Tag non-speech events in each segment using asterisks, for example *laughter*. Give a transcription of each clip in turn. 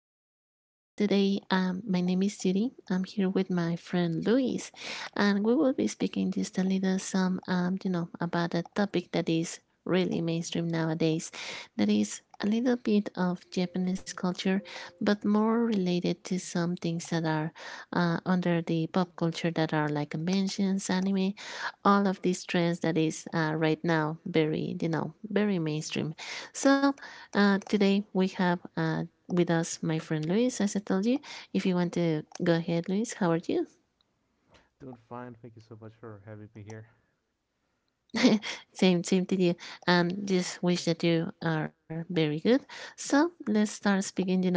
our podcast today. My name is Siri. I'm here with my friend Luis, and we will be speaking just a little some, about a topic that is really mainstream nowadays. That is a little bit of Japanese culture, but more related to some things that are under the pop culture that are like conventions, anime, all of these trends that is right now very, very mainstream. So today we have with us my friend Luis, as I told you. If you want to go ahead, Luis, how are you? Doing fine. Thank you so much for having me here. *laughs* Same to you. And just wish that you are very good. So let's start speaking. You know,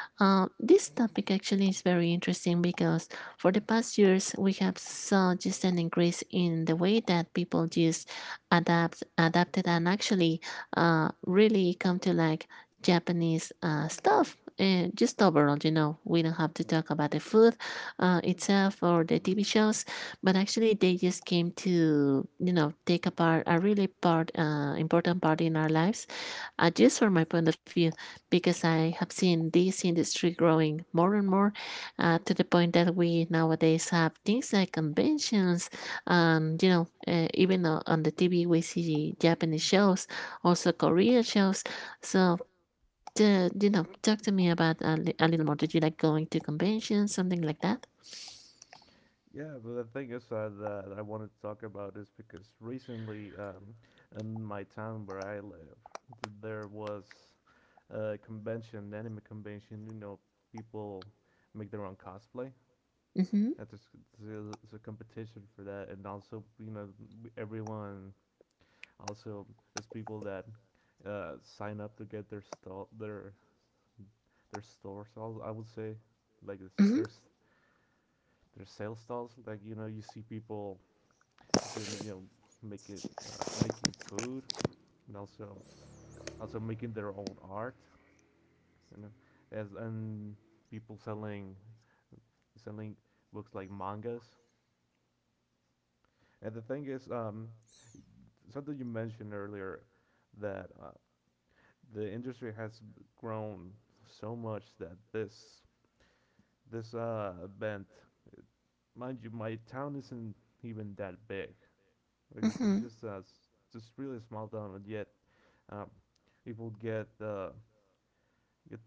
uh, This topic actually is very interesting because for the past years we have saw just an increase in the way that people just adapted, and actually really come to like Japanese stuff. Just overall, you know, we don't have to talk about the food itself or the TV shows, but actually they just came to, you know, take a part a really part important part in our lives, just from my point of view, because I have seen this industry growing more and more, to the point that we nowadays have things like conventions. On the TV we see Japanese shows, also Korean shows. So, talk to me about a little more. Did you like going to conventions, something like that? Yeah, but the thing is that I wanted to talk about is because recently, in my town where I live, there was a convention, anime convention. You know, people make their own cosplay. Mm-hmm. That's a, it's a competition for that, and also, you know, everyone also is people that sign up to get their stall, their stores. I would say like it's, Mm-hmm. there's their sales stalls. Like, you know, you see people, you know, make it, making food and also making their own art. You know, as and people selling books like mangas. And the thing is, something you mentioned earlier that the industry has grown so much that this event, mind you, my town isn't even that big. Like this is Mm-hmm. just a just really a small town, and yet. Um, people get get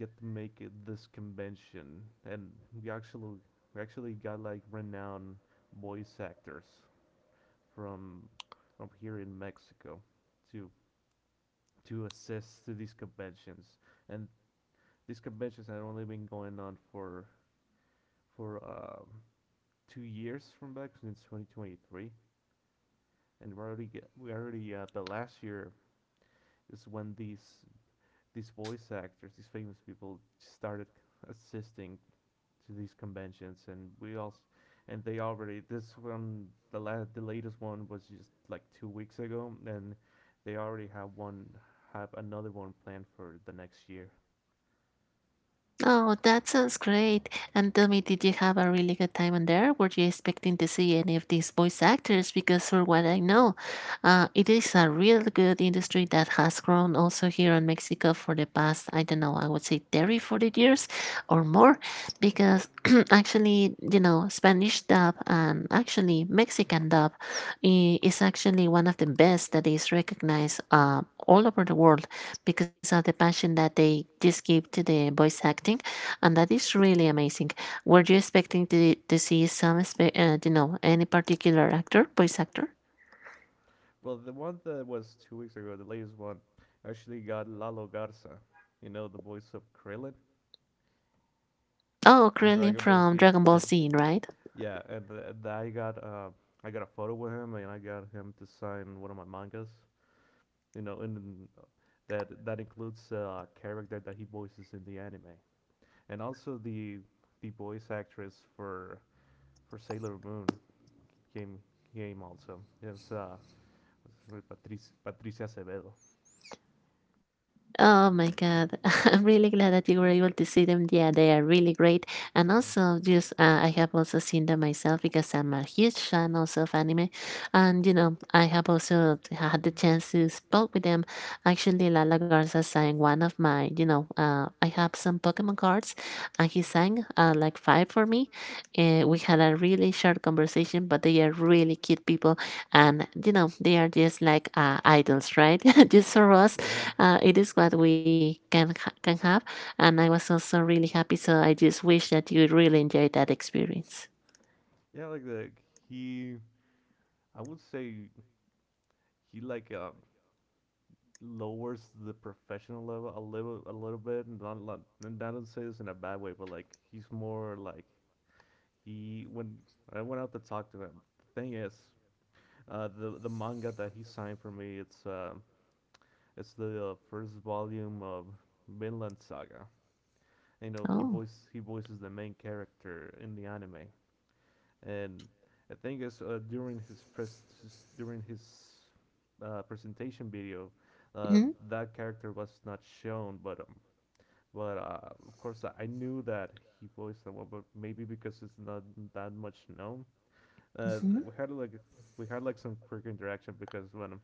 get to make it this convention, and we actually got like renowned voice actors from here in Mexico to assist to these conventions. And these conventions had only been going on for for um, 2 years from back since 2023, and we already, the last year is when these voice actors, these famous people, started assisting to these conventions, and we also and they already this one the last, the latest one was just like 2 weeks ago, and they already have one have another one planned for the next year. Oh, that sounds great. And tell me, did you have a really good time on there? Were you expecting to see any of these voice actors? Because for what I know, it is a real good industry that has grown also here in Mexico for the past, I don't know, I would say 30, 40 years or more. Because *clears throat* actually, you know, Spanish dub and actually Mexican dub is actually one of the best that is recognized all over the world, because of the passion that they just give to the voice acting, and that is really amazing. Were you expecting to see some, any particular actor, voice actor? Well, the one that was 2 weeks ago, the latest one, actually got Lalo Garza, you know, the voice of Krillin Oh, from Dragon Krillin Ball from Z, Dragon Ball and Z, right? yeah, and I got a photo with him, and I got him to sign one of my mangas. You know, and that includes a character that he voices in the anime, and also the voice actress for Sailor Moon came also. It was Patricia Acevedo. Oh my God. *laughs* I'm really glad that you were able to see them. Yeah, they are really great. And Mm. also, just I have also seen them myself because I'm a huge fan also of anime. And, you know, I have also had the chance to spoke with them. Actually, Lala Garza sang one of my, I have some Pokemon cards and he sang like five for me. We had a really short conversation, but they are really cute people. Mm. And, you know, they are just like idols, right? *laughs* Just for us, *laughs* Yeah, it is what we can have. And I was also really happy. So I just wish that you really enjoyed that experience. yeah, like the he. I would say he lowers the professional level a little bit, and not, and I don't say this in a bad way, but like he's more like he. When I went out to talk to him, the thing is, the manga that he signed for me, it's the, first volume of Vinland Saga. You know, Oh. He voices the main character in the anime. And the thing is, during his presentation video, uh, Mm-hmm. that character was not shown. But Of course, I knew that he voiced that one, but maybe because it's not that much known. Mm-hmm. We had like some quick interaction because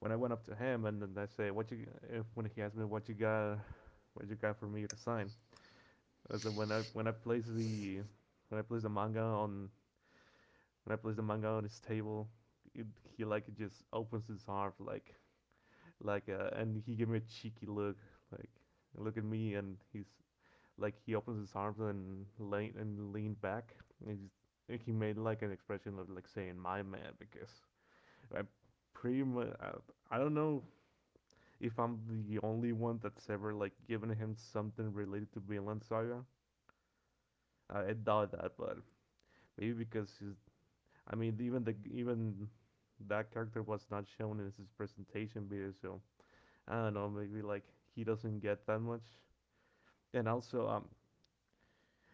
when I went up to him, and then I say, "What you?" If when he asked me, "What you got? What you got for me to sign?" As the, when I placed the manga on when I placed the manga on his table, it, he like just opens his arm like, and he gave me a cheeky look, like, look at me, and he's like, he opens his arms and leaned back. And he's, he made like an expression of like saying "my man," because I pretty much, I don't know if I'm the only one that's ever like given him something related to Vinland Saga. I doubt that, but maybe because he's, I mean, even that character was not shown in his presentation video, so I don't know. Maybe like he doesn't get that much. And also,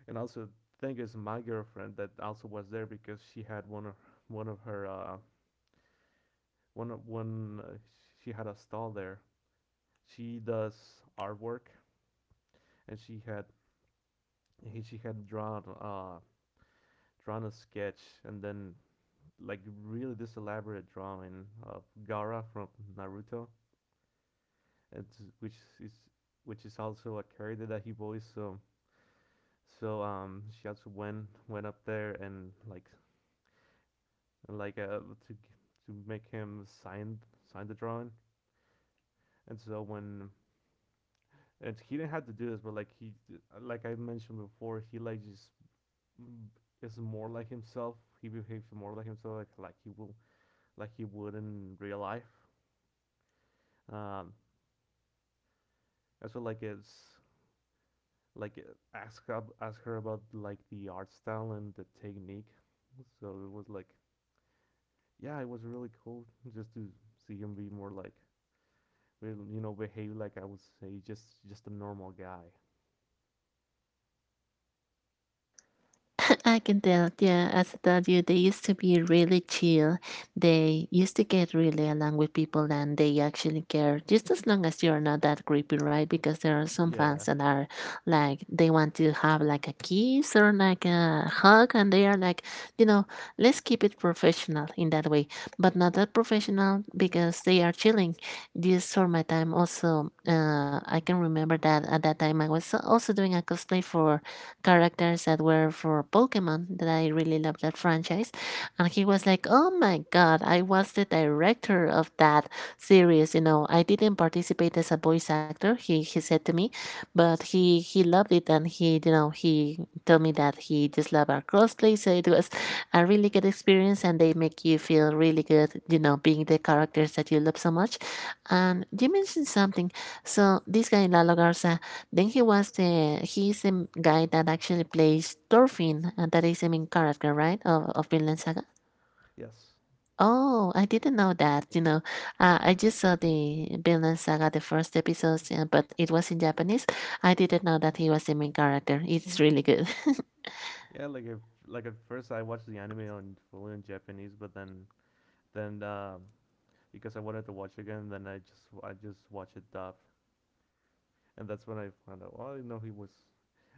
And also, thing is, my girlfriend that also was there, because she had one of her uh, one of one she had a stall there. She does artwork, and she had she had drawn, drawn a sketch, and then like really this elaborate drawing of Gara from Naruto, and which is which is also a character that he voiced. So, she also went up there, and like, to make him sign the drawing. And so when, and he didn't have to do this, but like he, like I mentioned before, he like just is more like himself. He behaves more like himself, like he will, like he would in real life. Um, and so like it's like, ask her about like the art style and the technique. So it was like, yeah, it was really cool just to see him be more like, will, you know, behave like, I would say, just a normal guy. *laughs* I can tell, yeah, as I told you, they used to be really chill. They used to get really along with people and they actually care just as long as you're not that creepy, right? Because there are some fans Yeah. that that are like, they want to have like a kiss or like a hug and they are like, you know, let's keep it professional in that way, but not that professional because they are chilling. This for my time also, I can remember that at that time I was also doing a cosplay for characters that were for Pokemon, that I really loved that franchise. And he was like, oh my God, I was the director of that series. You know, I didn't participate as a voice actor, he said to me, but he loved it and he you know he told me that he just loved our cosplay. So it was a really good experience and they make you feel really good, you know, being the characters that you love so much. And you mentioned something. So this guy Lalo Garza, then he was the he is the guy that actually plays Thorfinn, and that is the main character, right? Of Vinland Saga. are. Yes. Oh, I didn't know that. You know, I just saw the Vinland Saga the first episodes, but it was in Japanese. I didn't know that he was the main character. It's really good. *laughs* Yeah, like if, like at first I watched the anime on fully in Japanese, but then because I wanted to watch again, then I just watched it dubbed, and that's when I found out. Well, I didn't know he was,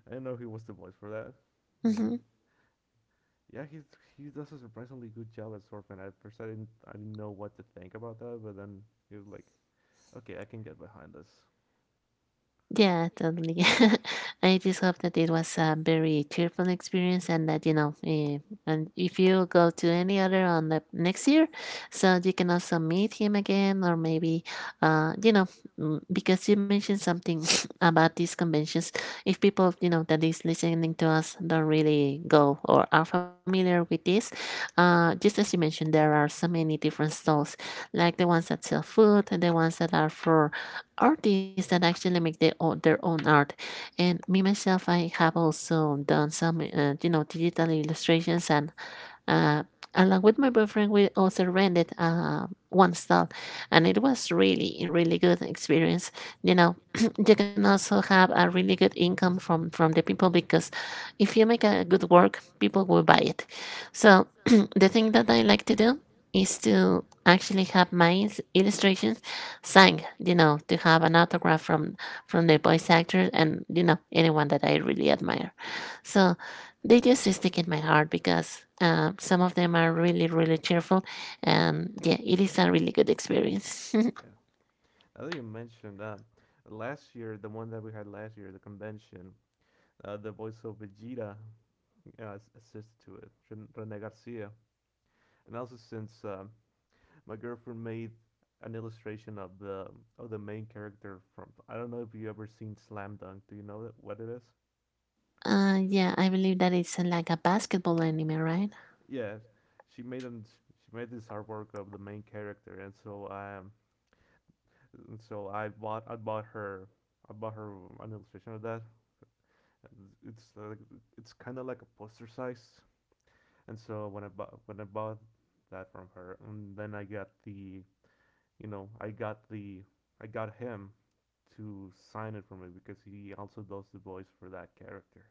I didn't know he was the voice for that. And Mhm. yeah, he's, he does a surprisingly good job as Sorfin. At first, I didn't know what to think about that, but then he was like, okay, I can get behind this. Yeah, totally. *laughs* I just hope that it was a very cheerful experience and that, and if you go to any other on the next year, so you can also meet him again. Or maybe, you know, mm, Because you mentioned something *laughs* *sniffs* about these conventions. If people, you know, that is listening to us don't really go or are familiar with this, just as you mentioned, there are so many different stalls, like the ones that sell food and the ones that are for artists that actually make their own art. And me myself, I have also done some digital illustrations, and uh, along with my boyfriend, we also rented one stall, and it was a really good experience. You know, *clears throat* you can also have a really good income from the people, because if you make a good work, people will buy it. So *clears throat* the thing that I like to do is to actually have my illustrations signed. You know, to have an autograph from the voice actor, and, you know, anyone that I really admire. So they just stick in my heart, because some of them are really cheerful, and yeah, it is a really good experience. Yeah. *laughs* Now that you mentioned, last year, the one that we had last year, the convention, the voice of Vegeta assisted to it, Rene Garcia, and also since, my girlfriend made an illustration of the, of the main character from, I don't know if you ever seen Slam Dunk. Do you know that, what it is? Yeah, I believe that it's like a basketball anime, right? Yeah, she made an she made this artwork of the main character, and so I, and so I bought her an illustration of that. And it's, it's kind of like a poster size, and so when I bought that from her, and then I got the you know I got the I got him to sign it for me because he also does the voice for that character.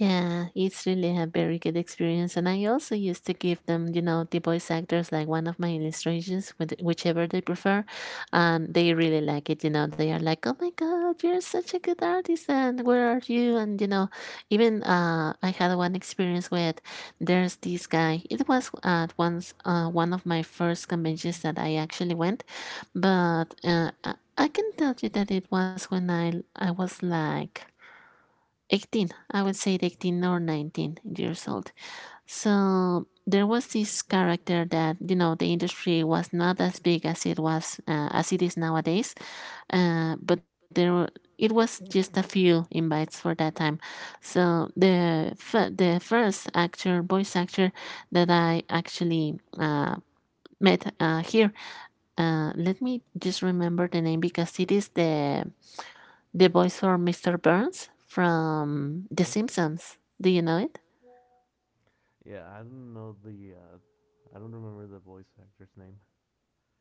Yeah, it's really a very good experience. And I also used to give them, you know, the voice actors like one of my illustrations, with whichever they prefer. And they really like it. You know, they are like, oh my God, you're such a good artist. And where are you? And, you know, even I had one experience with there's this guy. It was at once one of my first conventions that I actually went. But uh, I can tell you that it was when I was like, 18, I would say 18 or 19 years old. So there was this character that, you know, the industry was not as big as it was, as it is nowadays. But there were, it was just a few invites for that time. So the first actor, voice actor, that I actually met here, let me just remember the name, because it is the voice for Mr. Burns from The Simpsons. Do you know it? Yeah, I don't know the, I don't remember the voice actor's name.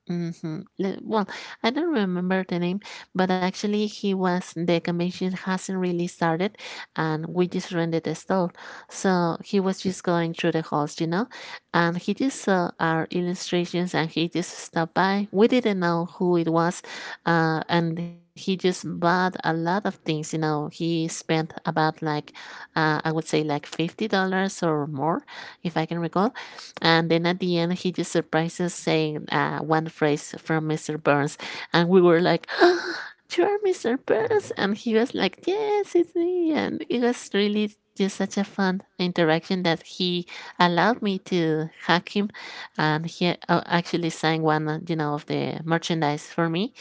Mhm. Well, I don't remember the name, but actually, he was the convention hasn't really started, and we just rented a stall. So he was just going through the halls, you know, and he just saw our illustrations and he just stopped by. We didn't know who it was, and he just bought a lot of things. You know, he spent about like, I would say like $50 or more, if I can recall, and then at the end, he just surprised us saying one phrase from Mr. Burns. And we were like, *gasps* oh, you're Mr. Burns. And he was like, yes, it's me. And it was really just such a fun interaction that he allowed me to hack him. And he actually signed one, of the merchandise for me,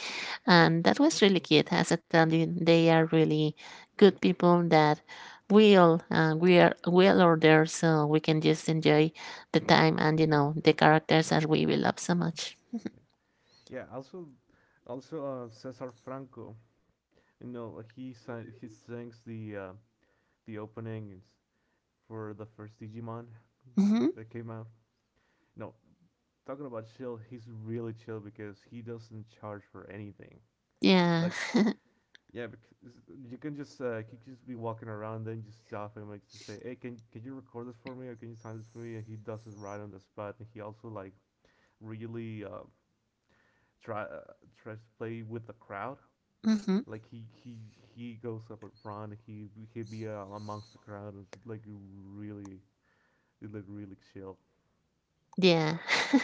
and that was really cute. As I told you, they are really good people that will we are will order so we can just enjoy the time and, you know, the characters that we will love so much. Yeah, Yeah. Also, also, Cesar Franco. You know, he sings the, the openings for the first Digimon that, Hmm. that came out. No, talking about chill, he's really chill because he doesn't charge for anything. Yeah. Like, yeah. Yeah, because you can just, you can just be walking around, then just stop and like just say, "Hey, can you record this for me, or can you sign this for me?" And he does it right on the spot. And he also like really, try tries to play with the crowd. Hmm. Like he goes up in front. He he'd be, amongst the crowd. And it's like really, it looked really chill. Yeah. *laughs*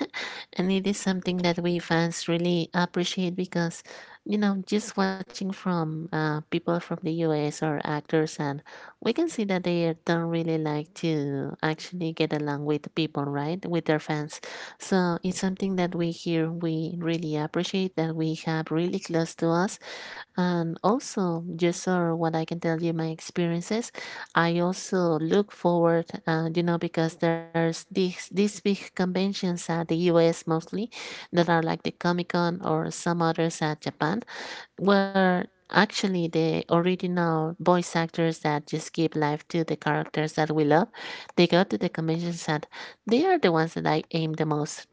And it is something that we fans really appreciate because, you know, just watching from people from the US or actors, and we can see that they don't really like to actually get along with the people, right? With their fans. So it's something that we here, we really appreciate that we have really close to us. And also, just or what I can tell you, my experiences. I also look forward, because there's these big conventions at the U.S. Mostly, that are like the Comic Con or some others at Japan, where actually the original voice actors that just give life to the characters that we love, they go to the conventions and they are the ones that I aim the most.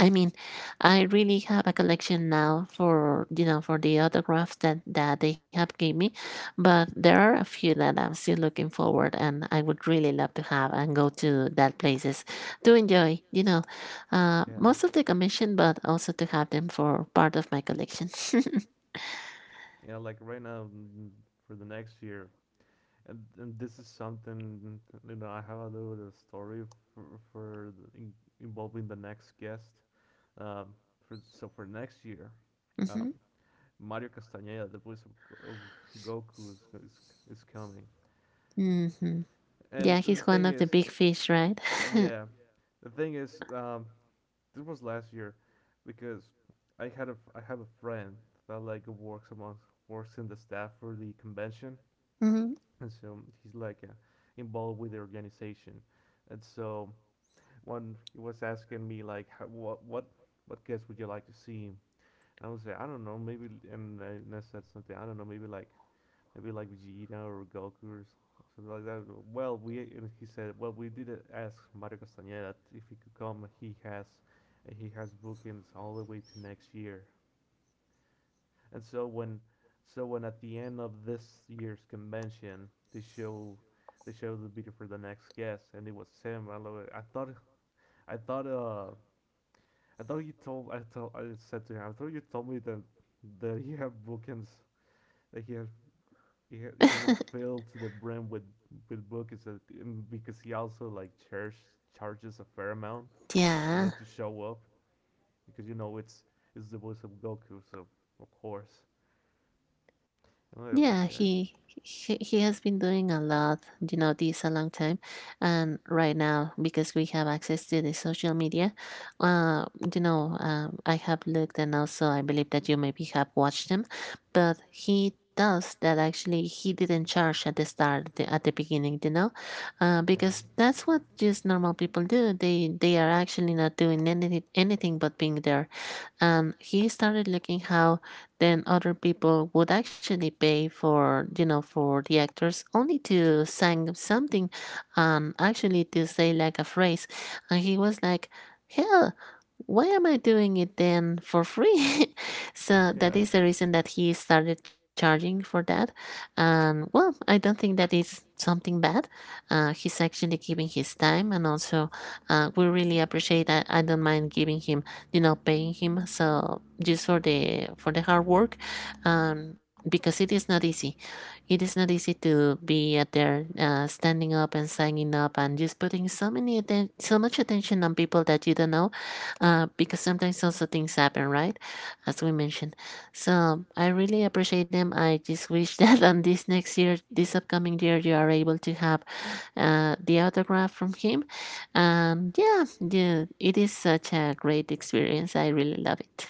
I mean, I really have a collection now for for the autographs that they have gave me, but there are a few that I'm still looking forward, and I would really love to have and go to that places to enjoy. Yeah, Most of the commission, but also to have them for part of my collection. *laughs* yeah. Like right now, mm, for the next year, and this is something, you know. I have a little story for for the, in, involving the next guest. Um, for, so for next year, um, hmm Mario Castañeda, the voice of Goku, is coming. hmm And Yeah, the he's one thing of is, the big fish, right? the, right? Yeah, the thing is, this was last year, because I have a friend that like works in the staff for the convention, *laughs* hmm and so he's like, involved with the organization, and so when he was asking me like how, what guests would you like to see, I would say, I don't know, maybe, and and I said something, I don't know, maybe maybe like Vegeta or Goku or something like that. Well, we and he said, well, we did, ask Mario Castañeda if he could come. He has bookings all the way to next year. And so when, so when at the end of this year's convention, they show. They show the video for the next guest, and it was Sam. I thought, uh, I thought you told. I told. I said to him, I thought you told me that that he had bookings. That he has he was *laughs* filled to the brim with books, and because he also like charges a fair amount to know to Yeah. show up, because you know it's the voice of Goku, so of course. And I'm like, Yeah, okay. he he has been doing a lot, you know, this a long time, and right now because we have access to the social media, uh, you know, I have looked and also I believe that you maybe have watched them, but he does that actually he didn't charge at the start at the beginning, you know, Yeah. because that's what just normal people do. They are actually not doing anything but being there. *laughs* And he started looking how then other people would actually pay for for the actors only to sing something and actually to say like a phrase. And he was like, hell, why am I doing it then for free? *laughs* So that Yeah, is the reason that he started charging for that. And well, I don't think that is something bad. He's actually giving his time, and also we really appreciate that. I don't mind giving him, paying him, so just for the hard work. Because it is not easy. It is not easy to be out there, standing up and signing up and just putting so many so much attention on people that you don't know. Because sometimes also things happen, right? As we mentioned. So I really appreciate them. I just wish *laughs* that on this next year, this upcoming year, you are able to have the autograph from him. And yeah, yeah, it is such a great experience. I really love it.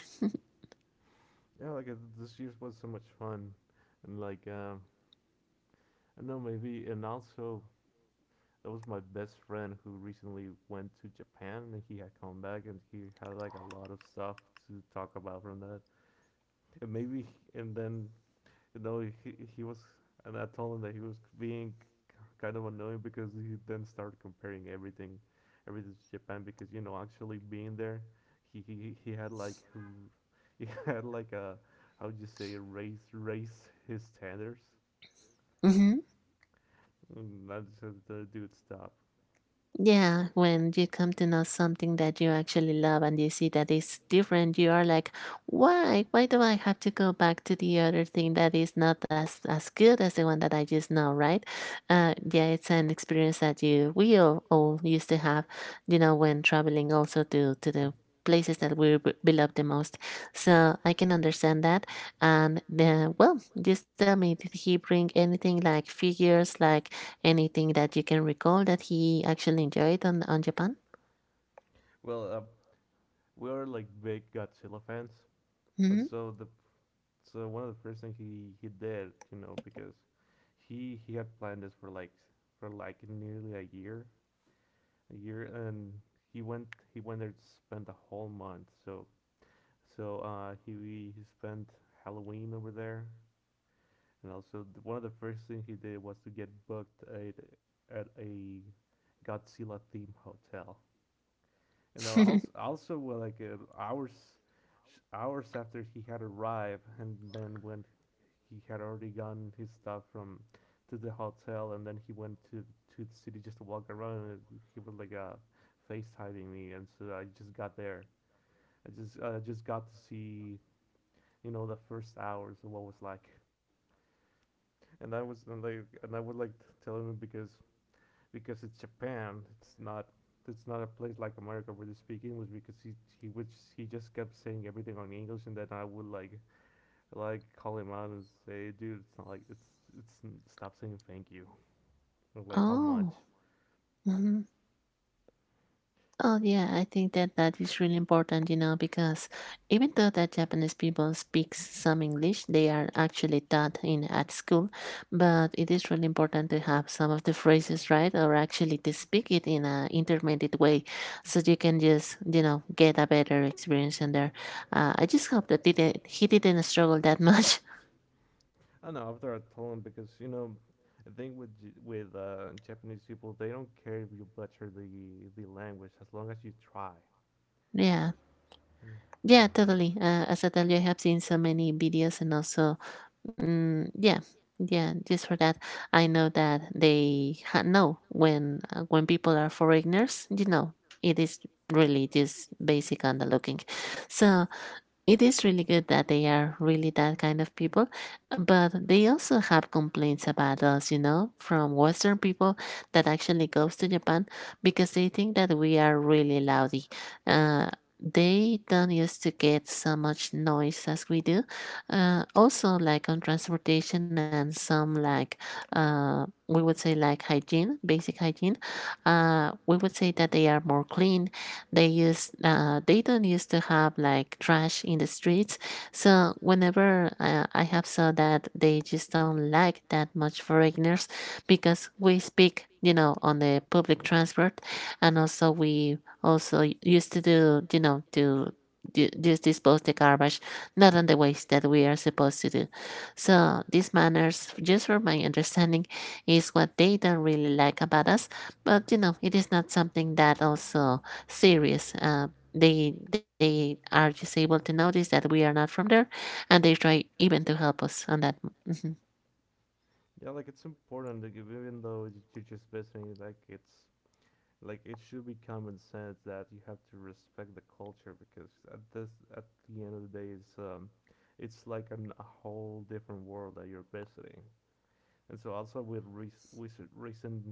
yeah, like, this year was so much fun, and like, I don't know, maybe, and also that was my best friend who recently went to Japan and he had come back, and he had like a lot of stuff to talk about from that. And maybe and then you know he was and I told him that he was being kind of annoying because he then started comparing everything to Japan because you know actually being there he had like he *laughs* had like a how would you say raise his standards. Mhm. And I just said, dude, stop. Yeah, when you come to know something that you actually love and you see that it's different, you are like, why? Why do I have to go back to the other thing that is not as good as the one that I just know, right? Yeah, it's an experience that you we all used to have, you know, when traveling also to the places that we love the most. So I can understand that. And then, well, just tell me, did he bring anything like figures, like anything that you can recall that he actually enjoyed on Japan? Well, we are like big Godzilla fans, and Mhm. so the so one of the first things he did, you know, because he had planned this for nearly a year, and he went he went there to spend a whole month. So he spent Halloween over there, and also one of the first things he did was to get booked at a Godzilla theme hotel. You know, *laughs* also, also well, like hours, hours after he had arrived, and then when he had already gotten his stuff from to the hotel, and then he went to the city just to walk around, and he was FaceTiming me, and so I just got there. I just got to see you know the first hours of what was like, and I would like tell him because it's Japan. It's not a place like America where they speak English because he just kept saying everything on English and then I would like call him out and say, dude, it's not like it's stop saying thank you or like how much. Oh. Mhm. Oh yeah, I think that is really important, you know, because even though that Japanese people speaks some English, they are actually taught in at school, but it is really important to have some of the phrases right, or actually to speak it in a intermediate way, so you can just, you know, get a better experience in there. I just hope that didn't, he didn't struggle that much. I don't know after I told him because you know the thing with Japanese people they don't care if you butcher the language as long as you try. *laughs* Yeah. Mm. Yeah, totally. As I tell you, I have seen so many videos, and also, yeah, yeah. Just for that, I know that know when people are foreigners. You know, it is really just basic on the looking. So it is really good that they are really that kind of people, but they also have complaints about us, you know, from Western people that actually goes to Japan because they think that we are really loudy. Uh, they don't used to get so much noise as we do. Also, like on transportation and some like we would say like hygiene, basic hygiene. We would say that they are more clean. They used they don't used to have like trash in the streets. So whenever I have saw that, they just don't like that much foreigners because we speak, you know, on the public transport, and also we also used to do, you know, just dispose the garbage, not on the ways that we are supposed to do. So these manners, just for my understanding, is what they don't really like about us. But you know, it is not something that also serious. They are just able to notice that we are not from there, and they try even to help us on that. Mhm. Yeah, like it's important to give, even though you're just visiting. It should be common sense that you have to respect the culture because at the end of the day it's like a whole different world that you're visiting, and so also with recent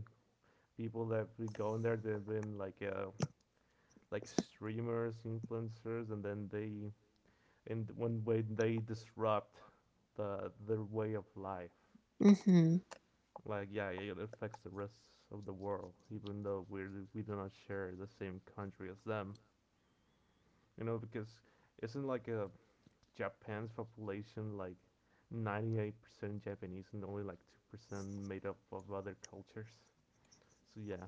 people that have been going there. They've been like streamers, influencers, and then they and when they disrupt their way of life. Mhm. Like yeah, it affects the rest of the world, even though we do not share the same country as them. You know, because isn't Japan's population like 98% Japanese and only like 2% made up of other cultures. So yeah.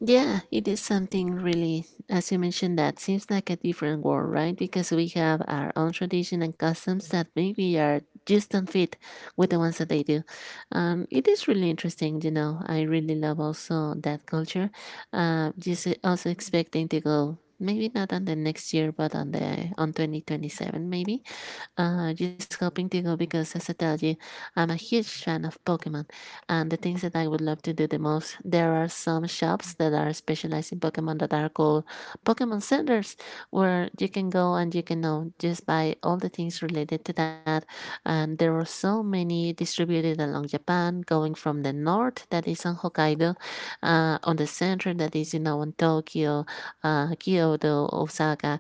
Yeah, it is something really, as you mentioned, that seems like a different world, right? Because we have our own tradition and customs that maybe are just don't fit with the ones that they do. It is really interesting, you know. I really love also that culture. Just also expecting to go maybe not on the next year, but on the on 2027 maybe. Just hoping to go because, as I told you, I'm a huge fan of Pokemon, and the things that I would love to do the most. There are some shops that are specialized in Pokemon that are called Pokemon Centers, where you can go and you can know just buy all the things related to that. And there are so many distributed along Japan, going from the north that is on Hokkaido, on the center that is you know in Tokyo, Kyoto, Osaka,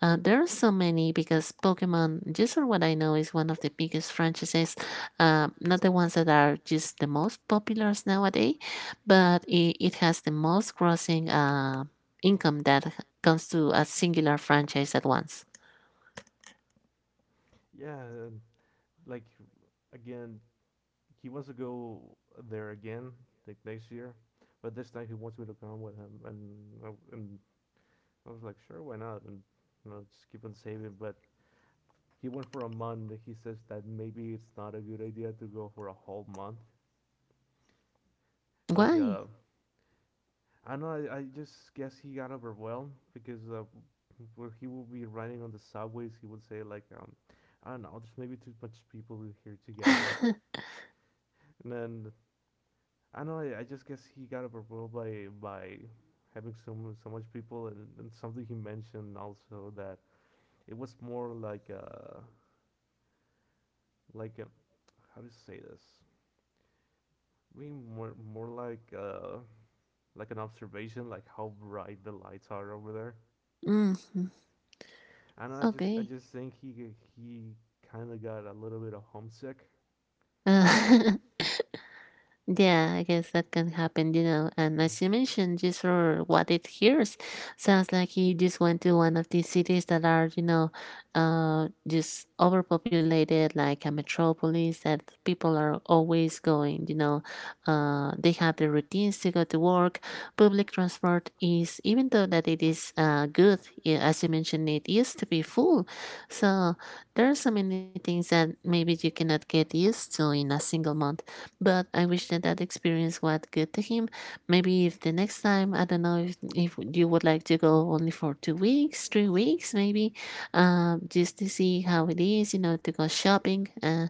there are so many because Pokemon, just for what I know, is one of the biggest franchises. Not the ones that are just the most popular nowadays, but it has the most crossing income that comes to a singular franchise at once. Yeah, uh, like again, he wants to go there again like next year, but this time he wants me to come with him, and I, and I was like, "Sure, why not?" And you know, just keep on saving, but he went for a month. He says that maybe it's not a good idea to go for a whole month. Like Why? uh *laughs* I just guess he got overwhelmed because where he would be riding on the subways, he would say like, I don't know, there's maybe too much people here together, and then I just guess he got overwhelmed by having so much people, and something he mentioned also that it was more like a how do you say this. Being more an observation, like how bright the lights are over there. Mhm. I don't know. I just I Okay. just think he kind of got a little bit of homesick. Uh, Yeah, I guess that can happen, you know. And Mm. as you mentioned, just for what it hears, sounds like he just went to one of these cities that are, you know, just overpopulated, like a metropolis that people are always going, you know. They have their routines to go to work. Public transport is, even though that it is good, as you mentioned, it used to be full. So there are so many things that maybe you cannot get used to in a single month, but I wish that that experience was good to him. Maybe if the next time, I don't know if you would like to go only for 2 weeks, 3 weeks, maybe, just to see how it is, you know, to go shopping.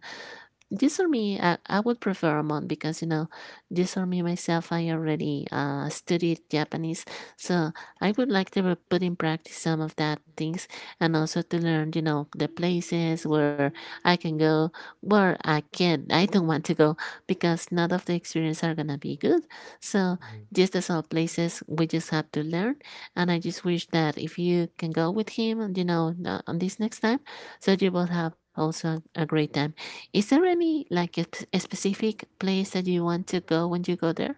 This for me I would prefer a month, because you know, this for me myself, I already studied Japanese. So I would like to put in practice some of that things, and also to learn, you know, the places where I can go, where I don't want to go, because none of the experience are gonna be good. So, Mhm. just as all places, we just have to learn. And I just wish that if you can go with him, you know, on this next time, so you will have also a great time. Is there any like a specific place that you want to go when you go there?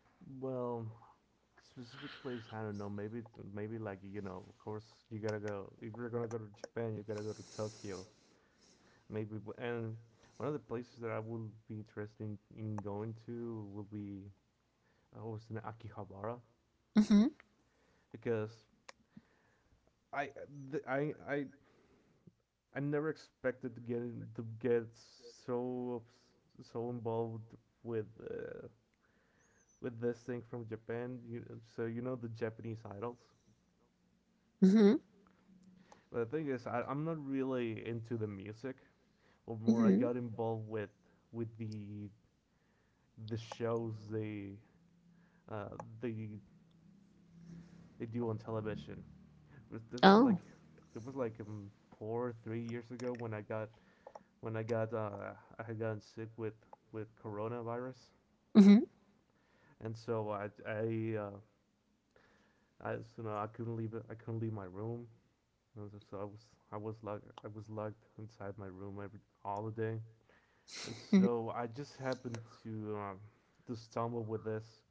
So well, specific place I don't know. Maybe like, you know, of course you gotta go. If you're gonna go to Japan, you gotta go to Tokyo. Maybe and one of the places that I would be interested in going to would be was in Akihabara Mm-hmm. because I th- I never expected to get so so involved with uh, with this thing from Japan. You, so you know, the Japanese idols. Mm-hmm. But the thing is, I'm not really into the music, or more I Mm-hmm. got involved with with the the shows they uh, they they do on television. But this was like Oh. it was like 4 or 3 years ago when I got I got sick with coronavirus, Mm-hmm. and so I you know I couldn't leave. My room. And so I was locked inside my room every all the day. And Mm-hmm. so I just happened to stumble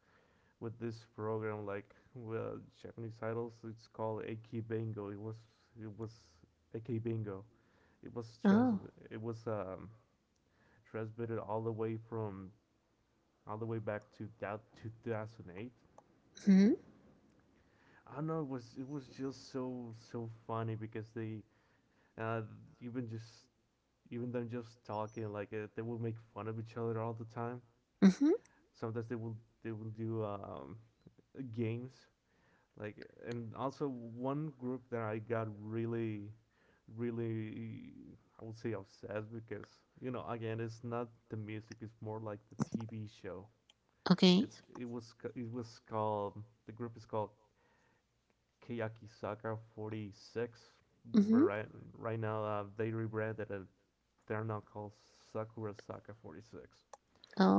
with this program like well Japanese titles. It's called AK Bingo. It was AK Bingo. It was Oh. It was um transmitted all the way from all the way back to that 2008. Mm-hmm. I don't know. It was just so so funny because they uh, even just even them just talking they will make fun of each other all the time. Mm-hmm. Sometimes they will do games like, and also one group that I got really really I would say obsessed because you know again it's not the music it's more like the TV show. Okay. It's it was c- it was called the group is called Kiyakisaka 46. Mm-hmm. Right, right now, they rebranded it. They're now called Sakura Saka 46.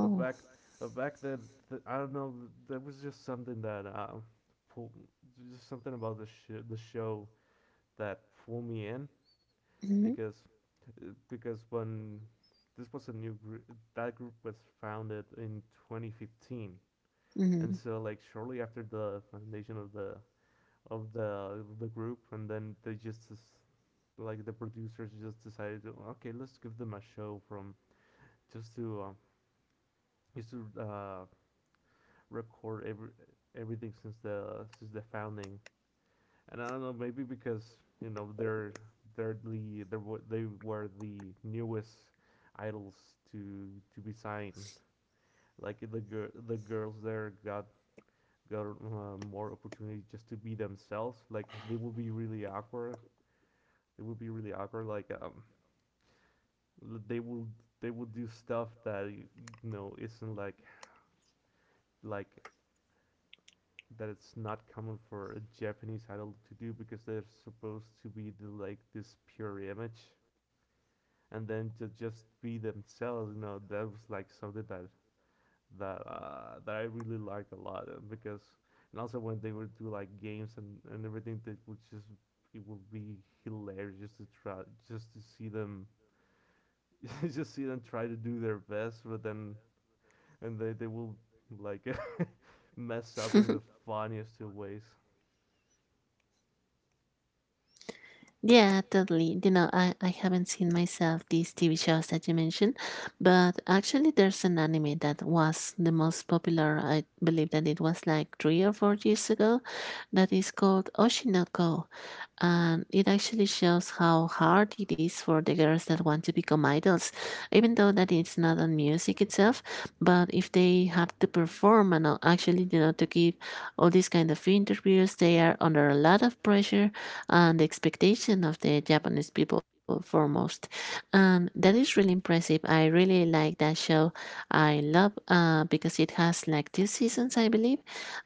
But back then, I don't know. That was just something that pulled, just something about the show that pulled me in Mm-hmm. because because when this was a new group, that group was founded in 2015, and Mm-hmm. so like shortly after the foundation of the group, and then they just like the producers just decided to okay let's give them a show from just to just to uh, record everything since the founding. And I don't know maybe because you know they were the newest idols to be signed. Like the girls there got more opportunity just to be themselves. Like they would be really awkward. It would be really awkward like they will they will do stuff that you know isn't like like that it's not common for a Japanese idol to do because they're supposed to be the, like, this pure image, and then to just be themselves. You know, that was like something that I really liked a lot because and also when they would do like games and everything that would just it would be hilarious just to try, just to see them *laughs* just see them try to do their best, but then and they will like *laughs* mess up in the *laughs* funniest of ways. Yeah, totally. You know, I haven't seen myself these TV shows that you mentioned, but actually, there's an anime that was the most popular. I believe that it was like 3 or 4 years ago. That is called Oshinoko, and it actually shows how hard it is for the girls that want to become idols, even though that it's not on music itself. But if they have to perform and actually, you know, to give all these kind of interviews, they are under a lot of pressure and expectation of the Japanese people foremost, and that is really impressive. I really like that show. I love because it has like two seasons, I believe,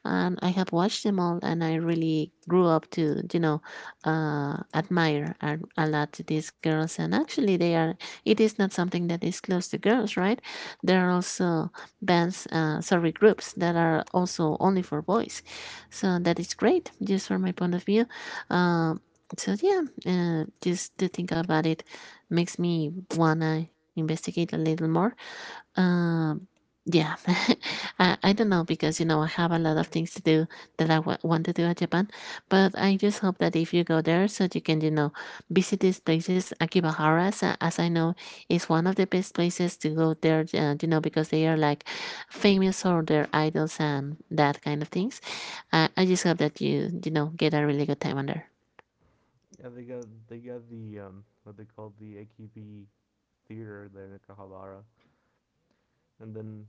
and I have watched them all, and I really grew up to, you know, admire a lot these girls. And actually they are, it is not something that is close to girls, right? There are also bands, sorry, groups that are also only for boys. So that is great just from my point of view. um, so yeah, just to think about it makes me wanna investigate a little more. um, yeah. *laughs* I don't know because you know I have a lot of things to do that want to do at Japan, but I just hope that if you go there, so you can, you know, visit these places. Akibahara, as I know, is one of the best places to go there, you know, because they are like famous for their idols and that kind of things. I just hope that you know, get a really good time on there. Yeah, they got the what they call the AKB theater there in Kahabara, and then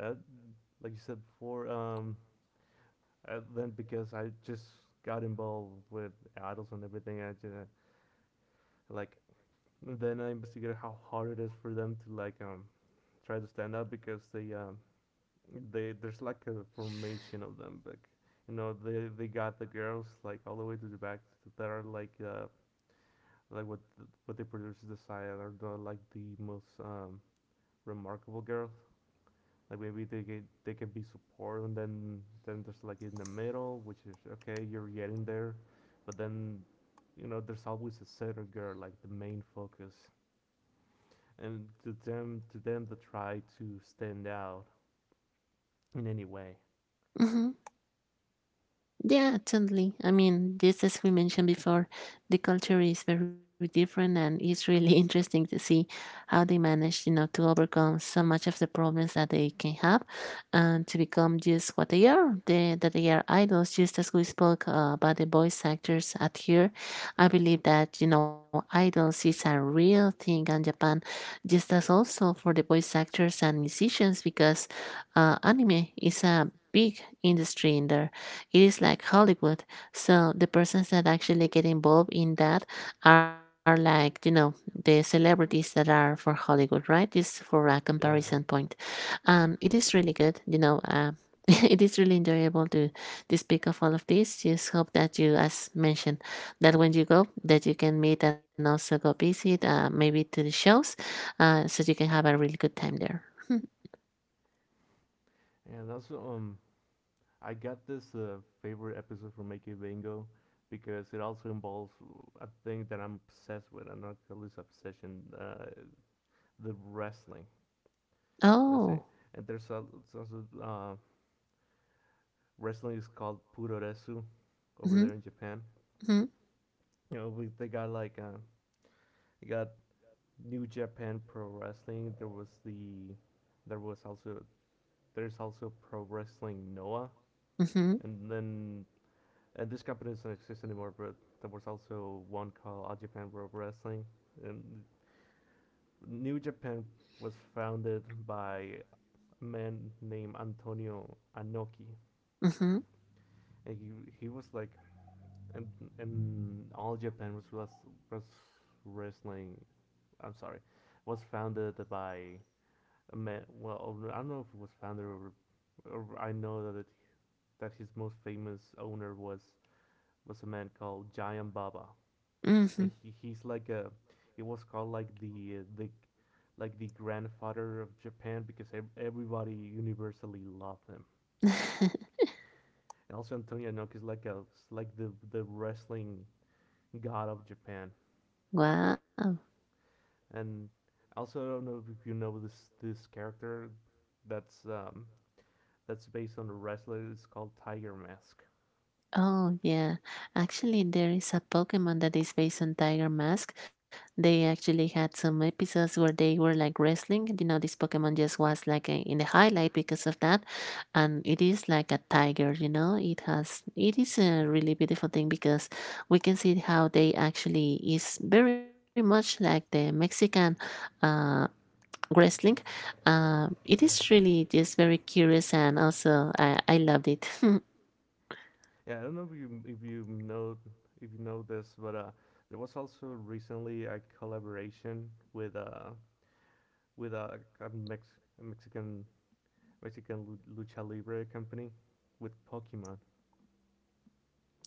uh, like you said before, then because I just got involved with idols and everything, I just like then I investigated how hard it is for them to try to stand up because they there's like a formation of them like you know they got the girls like all the way to the back that are what what the producers decide are the, like, the most remarkable girls. Like maybe they get they can be support, and then there's like in the middle which is okay you're getting there, but then you know there's always a center girl like the main focus. And to them to try to stand out in any way. hmm Yeah, totally. I mean, just as we mentioned before, the culture is very different, and it's really *laughs* interesting to see how they manage, you know, to overcome so much of the problems that they can have, and to become just what they are. They, that they are idols, just as we spoke about the voice actors at here. I believe that you know, idols is a real thing in Japan, just as also for the voice actors and musicians, because anime is a big industry in there. It is like Hollywood. So the persons that actually get involved in that are like, you know, the celebrities that are for Hollywood, right? Just for a comparison Yeah. point. It is really good, you know. *laughs* It is really enjoyable to speak of all of this. Just hope that you, as mentioned, that when you go, that you can meet and also go visit, maybe to the shows, so you can have a really good time there. *laughs* Hmm. And also, I got this favorite episode from Make It Bingo because it also involves a thing that I'm obsessed with, and not this obsession, the wrestling. Wrestling. Oh. Oh, and there's al- it's also wrestling is called Puroresu over Mm-hmm, there in Japan. You know, they got like they got New Japan Pro Wrestling. There was the there was also there's also Pro Wrestling Noah. mm-hmm, And then and this company doesn't exist anymore, but there was also one called All Japan Pro Wrestling. And New Japan was founded by a man named Antonio Inoki. mm-hmm, And he was like, and, and All Japan was wrestling, I'm sorry, was founded by a man, well, I don't know if it was founded or I know that his most famous owner was a man called Giant Baba, and he's like a it was called like the grandfather of Japan because everybody universally loved him. mm-hmm. *laughs* And also Antonio Inoki is like a is like the wrestling god of Japan. Wow. And also I don't know if you know this character that's um that's based on a wrestler. It's called Tiger Mask. Oh, yeah. Actually, there is a Pokemon that is based on Tiger Mask. They actually had some episodes where they were like wrestling. You know, this Pokemon just was like in the highlight because of that. And it is like a tiger, you know? It has, it is a really beautiful thing because we can see how they actually is very much like the Mexican uh, wrestling. It is Yeah. really just very curious, and also I loved it. *laughs* *laughs* Yeah, I don't know if you know this, but there was also recently a collaboration with a Mexican lucha libre company with Pokemon.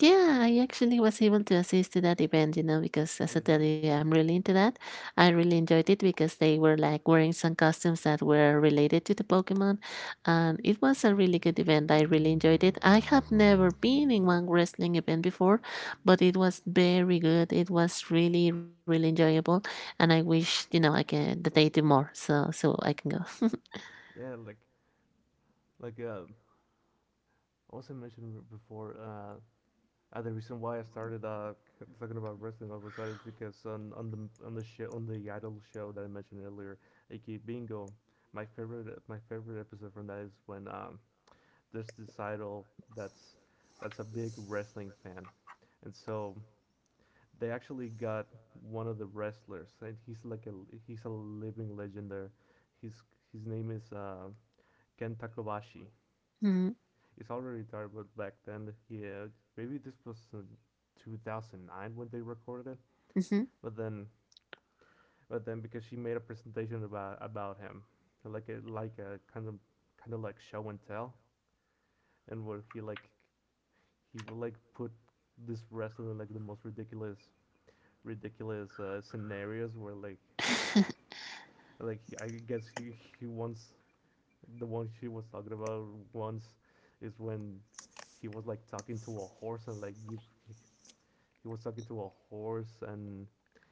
Yeah, I actually was able to assist to that event, you know, because Oh, as I you tell did? you, I'm really into that. I really enjoyed it because they were like wearing some costumes that were related to the Pokemon, and it was a really good event. I really enjoyed it. I have never been in one wrestling event before, but it was very good. It was really, really enjoyable, and I wish, you know, I can that they do more so I can go. That. Yeah, like like uh, I also mentioned before. The reason why I started *laughs* talking about wrestling all of a sudden is because on the show on the idol show that I mentioned earlier, aka Bingo, my favorite episode from that is when there's this idol that's that's a big wrestling fan, and so they actually got one of the wrestlers, and he's a living legend there. His his name is Ken Takabashi. Mm-hmm. He's already retired, but back then, yeah, maybe this was in 2009 when they recorded it. Mm-hmm. But then, but then because she made a presentation about him, like a kind of like show and tell, and where he would like put this wrestler in like the most ridiculous scenarios where like I guess he once the one she was talking about once is when he was like talking to a horse and like give he was talking to a horse, and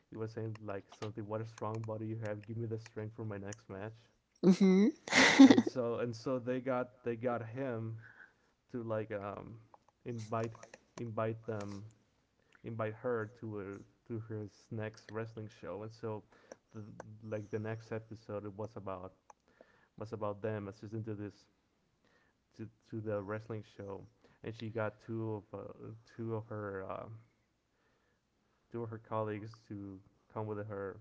he was saying like something, what a strong body you have, give me the strength for my next match. Mm-hmm. And so they got him to like invite invite them invite her to her to his next wrestling show. And so the like the next episode it was about them assisting to this to the wrestling show, and she got two of her um two of her colleagues to come with her,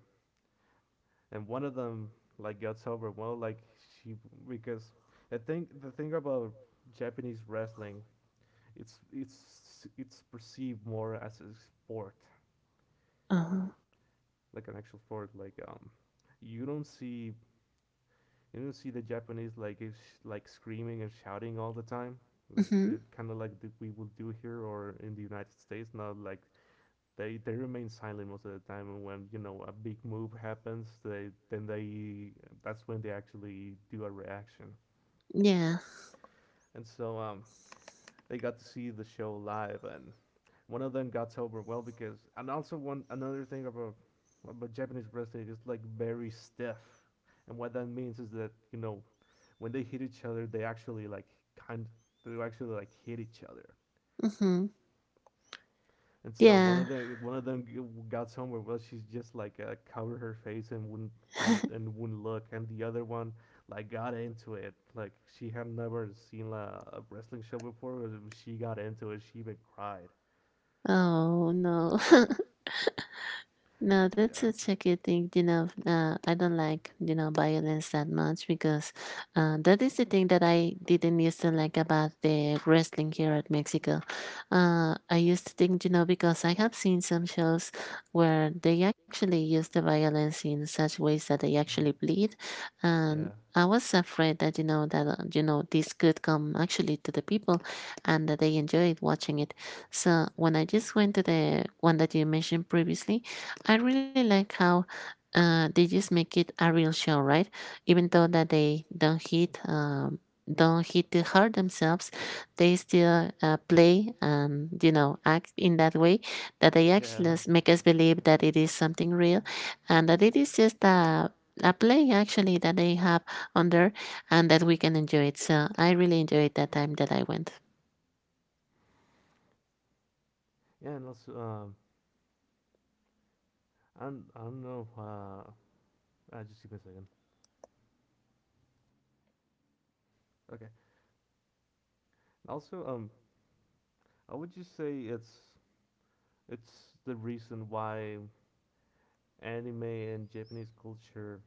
and one of them like gets overwhelmed, like she, because I think the thing about Japanese wrestling, it's perceived more as a sport, Uh-huh. like an actual sport. Like you don't see the Japanese like is like screaming and shouting all the time, like Mm-hmm. Kind of like the, we will do here or in the United States now. Like they remain silent most of the time, and when you know a big move happens, they, that's when they actually do a reaction. Yeah. And so they got to see the show live, and one of them got sober, well because, and also one, another thing about Japanese wrestling is, like, very stiff, and what that means is that, you know, when they hit each other, they actually like kind, they actually like hit each other. Mm-hmm. And so Yeah. One of them got somewhere where she's just like, covered her face and wouldn't look, and the other one like got into it. Like she had never seen, like, a wrestling show before, but she got into it. She even cried. Oh no. *laughs* No, Yeah. that's such a good It's thing. a You tricky know, thing, I don't you know. like, you know, violence that much because that is the thing that I didn't used to like about the wrestling here at Mexico. I used to think, you know, because I have seen some shows I where don't like they where they actually use the actually use the violence in violence in such ways such that they ways that actually they actually bleed, bleed. and Yeah. I was afraid that, you know, that you know, this could come actually to the people, and that they enjoyed watching it. So when I just went to the one that you mentioned previously, I really like how they just make it a real show, right? Even though that they don't hit the heart themselves, they still play and, you know, act in that way that they Yeah. *laughs* actually make Just us make us believe that believe it that is it is something something real, real. and that it is just a play actually that they have on there, and that we can enjoy it. So I really enjoyed that time that I went. Yeah, and also I do, I don't know. Just give me a second. Okay. Also, I would just say it's the reason why anime and Japanese culture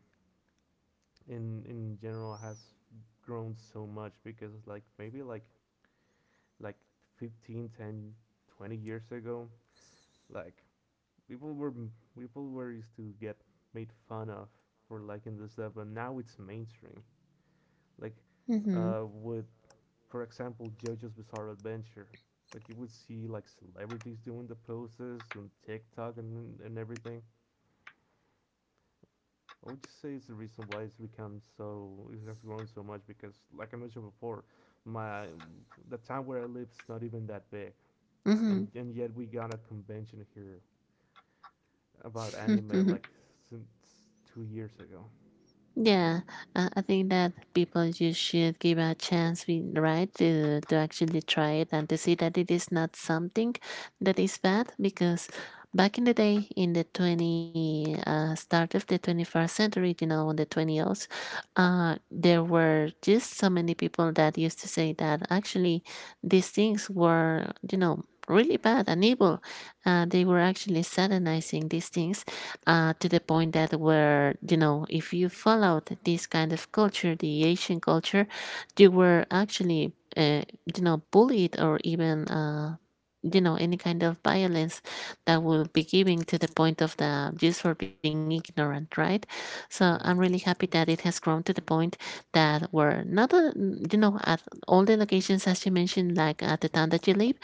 in general has grown so much, because like maybe like 15, 10, 20 years ago, like people were people were used to get made fun of for liking this stuff, but now it's mainstream. Like, Mm-hmm. With for example, JoJo's Bizarre Adventure. Like you would see like celebrities doing the poses on TikTok and everything. I would just say it's the reason why it has grown so much because, like I mentioned before, my the town where I live is not even that big, Mm-hmm. and yet we got a convention here about anime, *laughs* like, since 2 years ago. Yeah, I think that people just should give a chance, right, to actually try it and to see that it is not something that is bad. Because back in the day, in the 20, start of the 21st century, you know, on the 20s, there were just so many people that used to say that actually these things were, you know, really bad and evil. They were actually satanizing these things to the point that where, you know, if you followed this kind of culture, the asian culture, you were actually, you know, bullied, or even you know, any kind of violence that will be giving, to the point of the, just for being ignorant, right? So I'm really Yeah. happy that it has grown to the point that we're not you know, at all the locations, as you mentioned, like at the town that you live,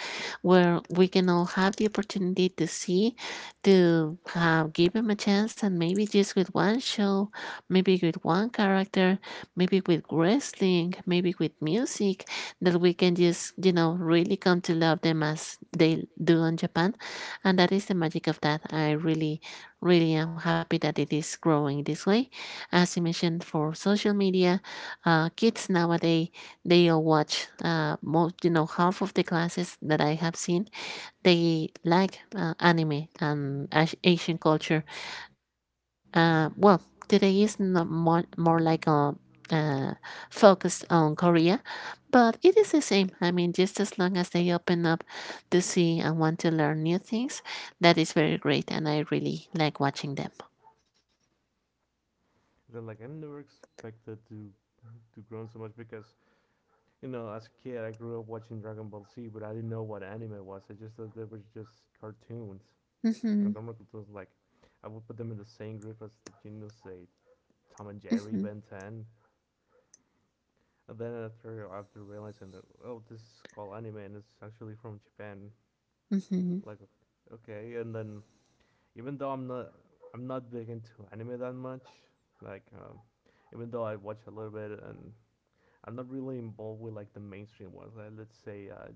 where we can all have the opportunity to see, to have give him a chance, and maybe just with one show, maybe with one character, maybe with wrestling, maybe with music, that we can just, you know, really come to love them as they do in Japan. And that is the magic of that. I really, really am happy that it is growing this way. As you mentioned, for social media, kids nowadays, they all watch most, you know, half of the classes that I have seen, they like anime and Asian culture. Well, today is not more like a, uh, focused on Korea, but it is the same. I mean, just as long as they open up to see and want to learn new things, that is very great, and I really like watching them. Then, like, I never expected to grow so much because, you know, as a kid, I grew up watching Dragon Ball Z, but I didn't know what anime was. I just thought they were just cartoons. And Hmm. normal cartoons, like, I would put them in the same group as, you know, say, Tom and Jerry, Ben 10. And then after realizing that, oh, this is called anime and it's actually from Japan. Hmm. Hmm. Like, okay. And then, even though I'm not big into anime that much, like, even though I watch a little bit, and I'm not really involved with like the mainstream ones. Like, let's say,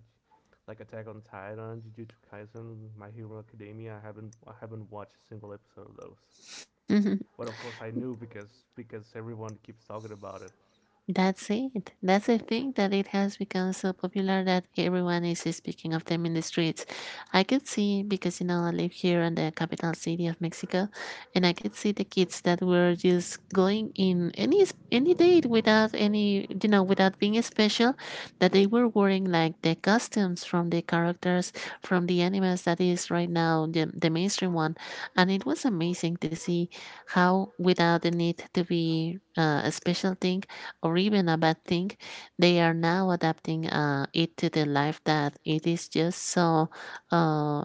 like Attack on Titan, Jujutsu Kaisen, My Hero Academia. I haven't watched a single episode of those. *laughs* But of course, I knew because everyone keeps talking about it. That's it. That's the thing that it has become so popular that everyone is speaking of them in the streets. I could see, because you know, I live here in the capital city of Mexico, and I could see the kids that were just going in any date without any, you know, without being special, that they were wearing like the costumes from the characters from the animes that is right now the mainstream one. And it was amazing to see how, without the need to be a special thing, or even a bad thing, they are now adapting it to the life that it is just so, uh,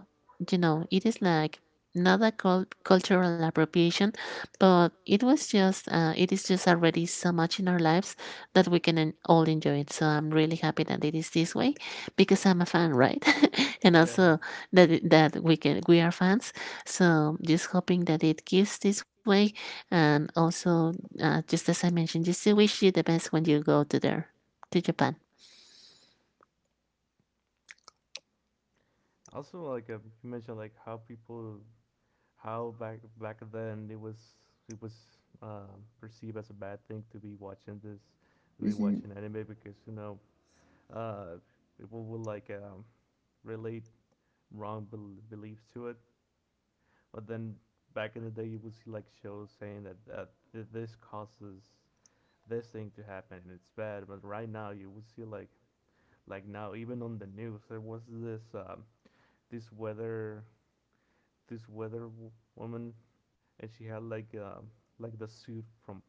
you know, it is like not a cultural appropriation, but it was just, it is just already so much in our lives that we can all enjoy it. So I'm really happy that it is this way This because I'm a fan, right? *laughs* And Yeah. also that that we are fans. So just hoping that it keeps this way, and also just as I mentioned, just to wish you the best when you go to there, to Japan. Also, like you mentioned, like how people, how back then it was, it was perceived as a bad thing to be watching this, to be Mm-hmm. watching anime because, you know, uh, people will like, relate wrong beliefs to it. But then back in the day, you would see like shows saying that this causes this thing to happen and it's bad. But right now, you would see like, now even on the news there was this this weather, woman, and she had like, like the suit from,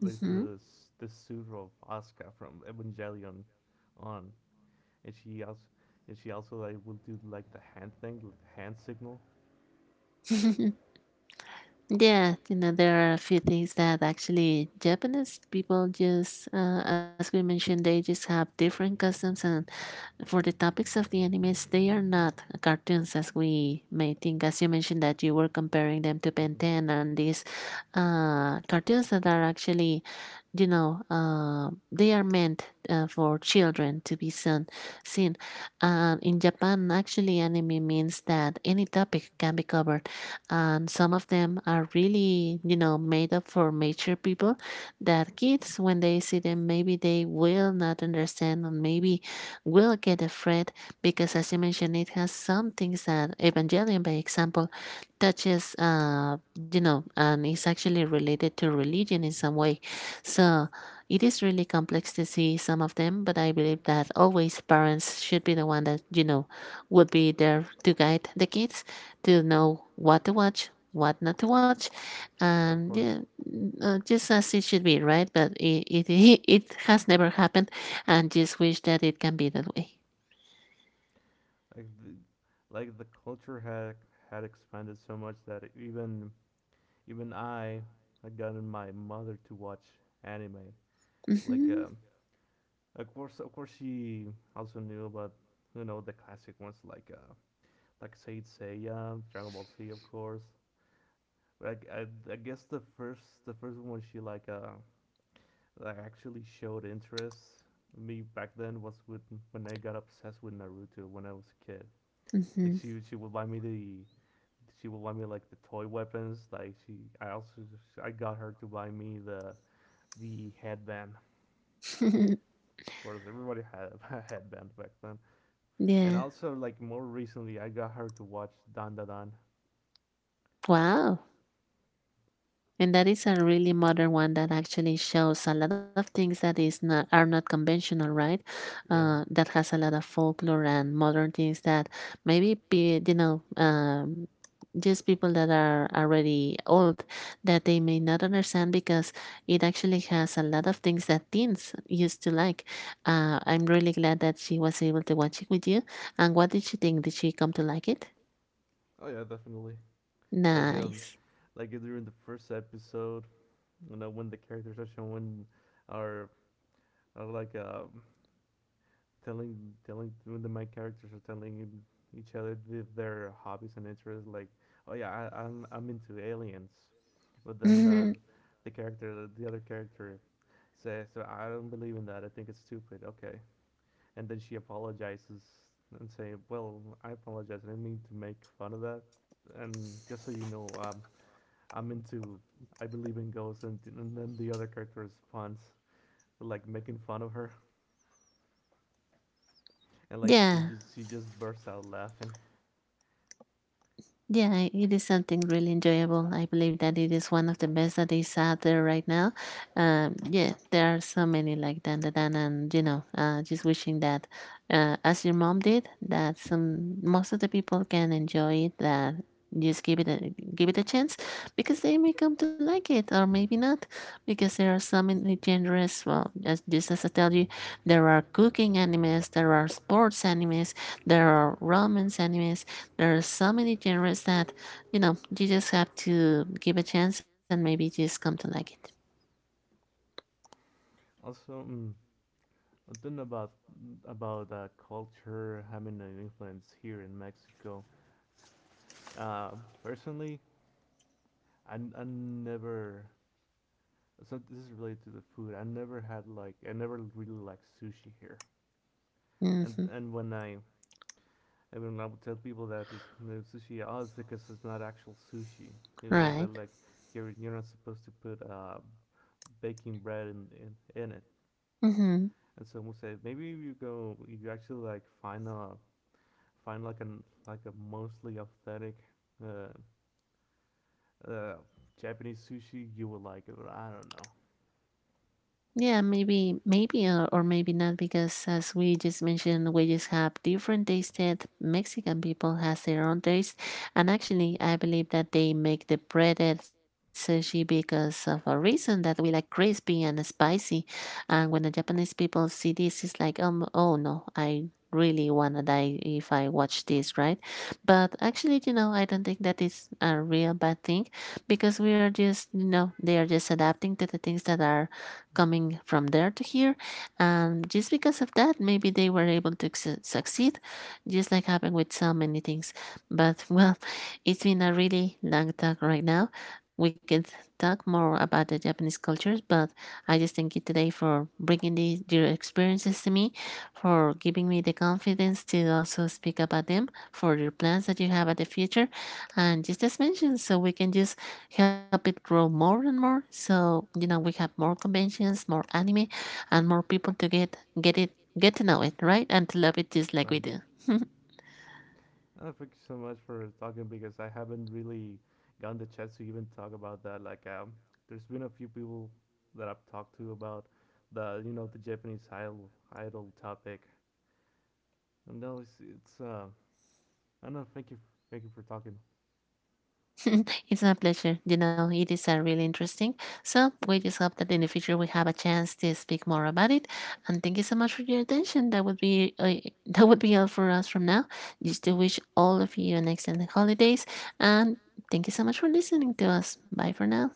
like the suit of Asuka from Evangelion on, and she also, and she also like will do like the hand thing, like the hand signal. *laughs* Yeah, you know, there are a few things that actually Japanese people just, as we mentioned, they just have different customs. And for the topics of the animes, they are not cartoons as we may think. As you mentioned, that you were comparing them to Ben Mhm. 10 and these cartoons that are actually, you know, they are meant for children to be seen. And in Japan, actually, anime means that any topic can be covered, and some of them are really, you know, made up for mature people, that kids, when they see them, maybe they will not understand, and maybe will get afraid because, as you mentioned, it has some things that Evangelion, by example, touches, uh, you know, and is actually related to religion in some way. So it is really complex to see some of them, but I believe that always parents should be the one that, you know, would be there to guide the kids, to know what to watch, what not to watch. Yeah, of And yeah, course, mm, just as it should be, right? But it *laughs* it has never happened, and just wish that it can be that way. yeah, like the culture had expanded so much that even I had gotten my mother to watch anime. Like Mm-hmm. Of course, she also knew about, you know, the classic ones, like Saint Seiya, Dragon Ball Z, of course. I guess the first one she like actually showed interest in me back then was with, when I got obsessed with Naruto when I was a kid. Like Mm-hmm. She would buy me the, she would buy me like the toy weapons. Like she I also, I got her to buy me the headband. Of course, everybody had *laughs* a headband back then. And *laughs* Yeah. also, like, more recently, I got her to watch Dandadan. Wow. And that is a really modern one that actually shows a lot of things that is not are not conventional, right? Yeah. That has a lot of folklore and modern things that maybe be, you know, just people that are already old, that they may not understand, because it actually has a lot of things that teens used to like. I'm really glad that she was able to watch it with you. And what did she think? Did she come to like it? That Oh yeah, definitely. Like, Nice. like during the first episode, you know, when the characters are showing, are are like, telling, when the main characters are telling each other their hobbies and interests, like, oh yeah, I'm into aliens, but then *laughs* the other character says, so I don't believe in that. I think it's stupid. Okay, and then she apologizes and say, well, I apologize. I didn't mean to make fun of that. And just so you know, I'm into I believe in ghosts, and then the other character responds with, like, making fun of her, and like she, yeah, Yeah. just she just bursts out laughing. Yeah, it is something really enjoyable. I believe that it is one of the best that is out there right now. Yeah, there are so many like Dan Dan Dan, and you know, just wishing that, as your mom did, that some most of the people can enjoy it. That just give it a chance, because they may come to like it or maybe not, because there are so many genres. Well, as just as I tell you, there are cooking animes, there are sports animes, there are romance animes, there are so many genres that, you know, you just have to give a chance and maybe just come to like it. Also, mm, one about culture having an influence here in Mexico. Uh, Personally, I never, so this is related to the food. I never really liked sushi here. Hmm. And when I Everyone, I would tell people that it's no sushi at all because it's not actual sushi. You know, they're Right. like, you're not supposed to put baking bread in, in it. Hmm. And someone said, maybe you go, you actually like find a, find like an, like a mostly authentic uh, uh, Japanese sushi, you will like it. But I don't know. Yeah, maybe, maybe, or maybe not, because as we just mentioned, we just have different tastes, that Mexican people has their own taste, and actually, I believe that they make the breaded sushi because of a reason that we like crispy and spicy, and when the Japanese people see this, it's like, oh no, I really wanna die if I watch this, right? But actually, you know, I don't think that is a real bad thing, because we are just, you know, they are just adapting to the things that are coming from there to here. And just because of that, maybe they were able to succeed, just like happened with so many things. But *laughs* well, it's been a really long talk right now. We could talk more about the Japanese cultures, but I just thank you today for bringing these, your experiences to me, for giving me the confidence to also speak about them, for your plans that you have at the future. And just as mentioned, so we can just help it grow more and more. So you know we have more conventions, more anime, and more people to get it get to know it, right? And to love it just like Right. we do. *laughs* Thank you so much for talking, because I haven't really gotten the chance to even talk about that. Like, there's been a few people that I've talked to about the you know, the Japanese idol topic. And no, it's, I don't know. Thank you for talking. It's my pleasure. You know, it is a really interesting. So we just hope that in the future we have a chance to speak more about it. And thank you so much for your attention. That would be *laughs* that would be all for us from now. Just to wish all of you an excellent holidays, and thank you so much for listening to us. Bye for now.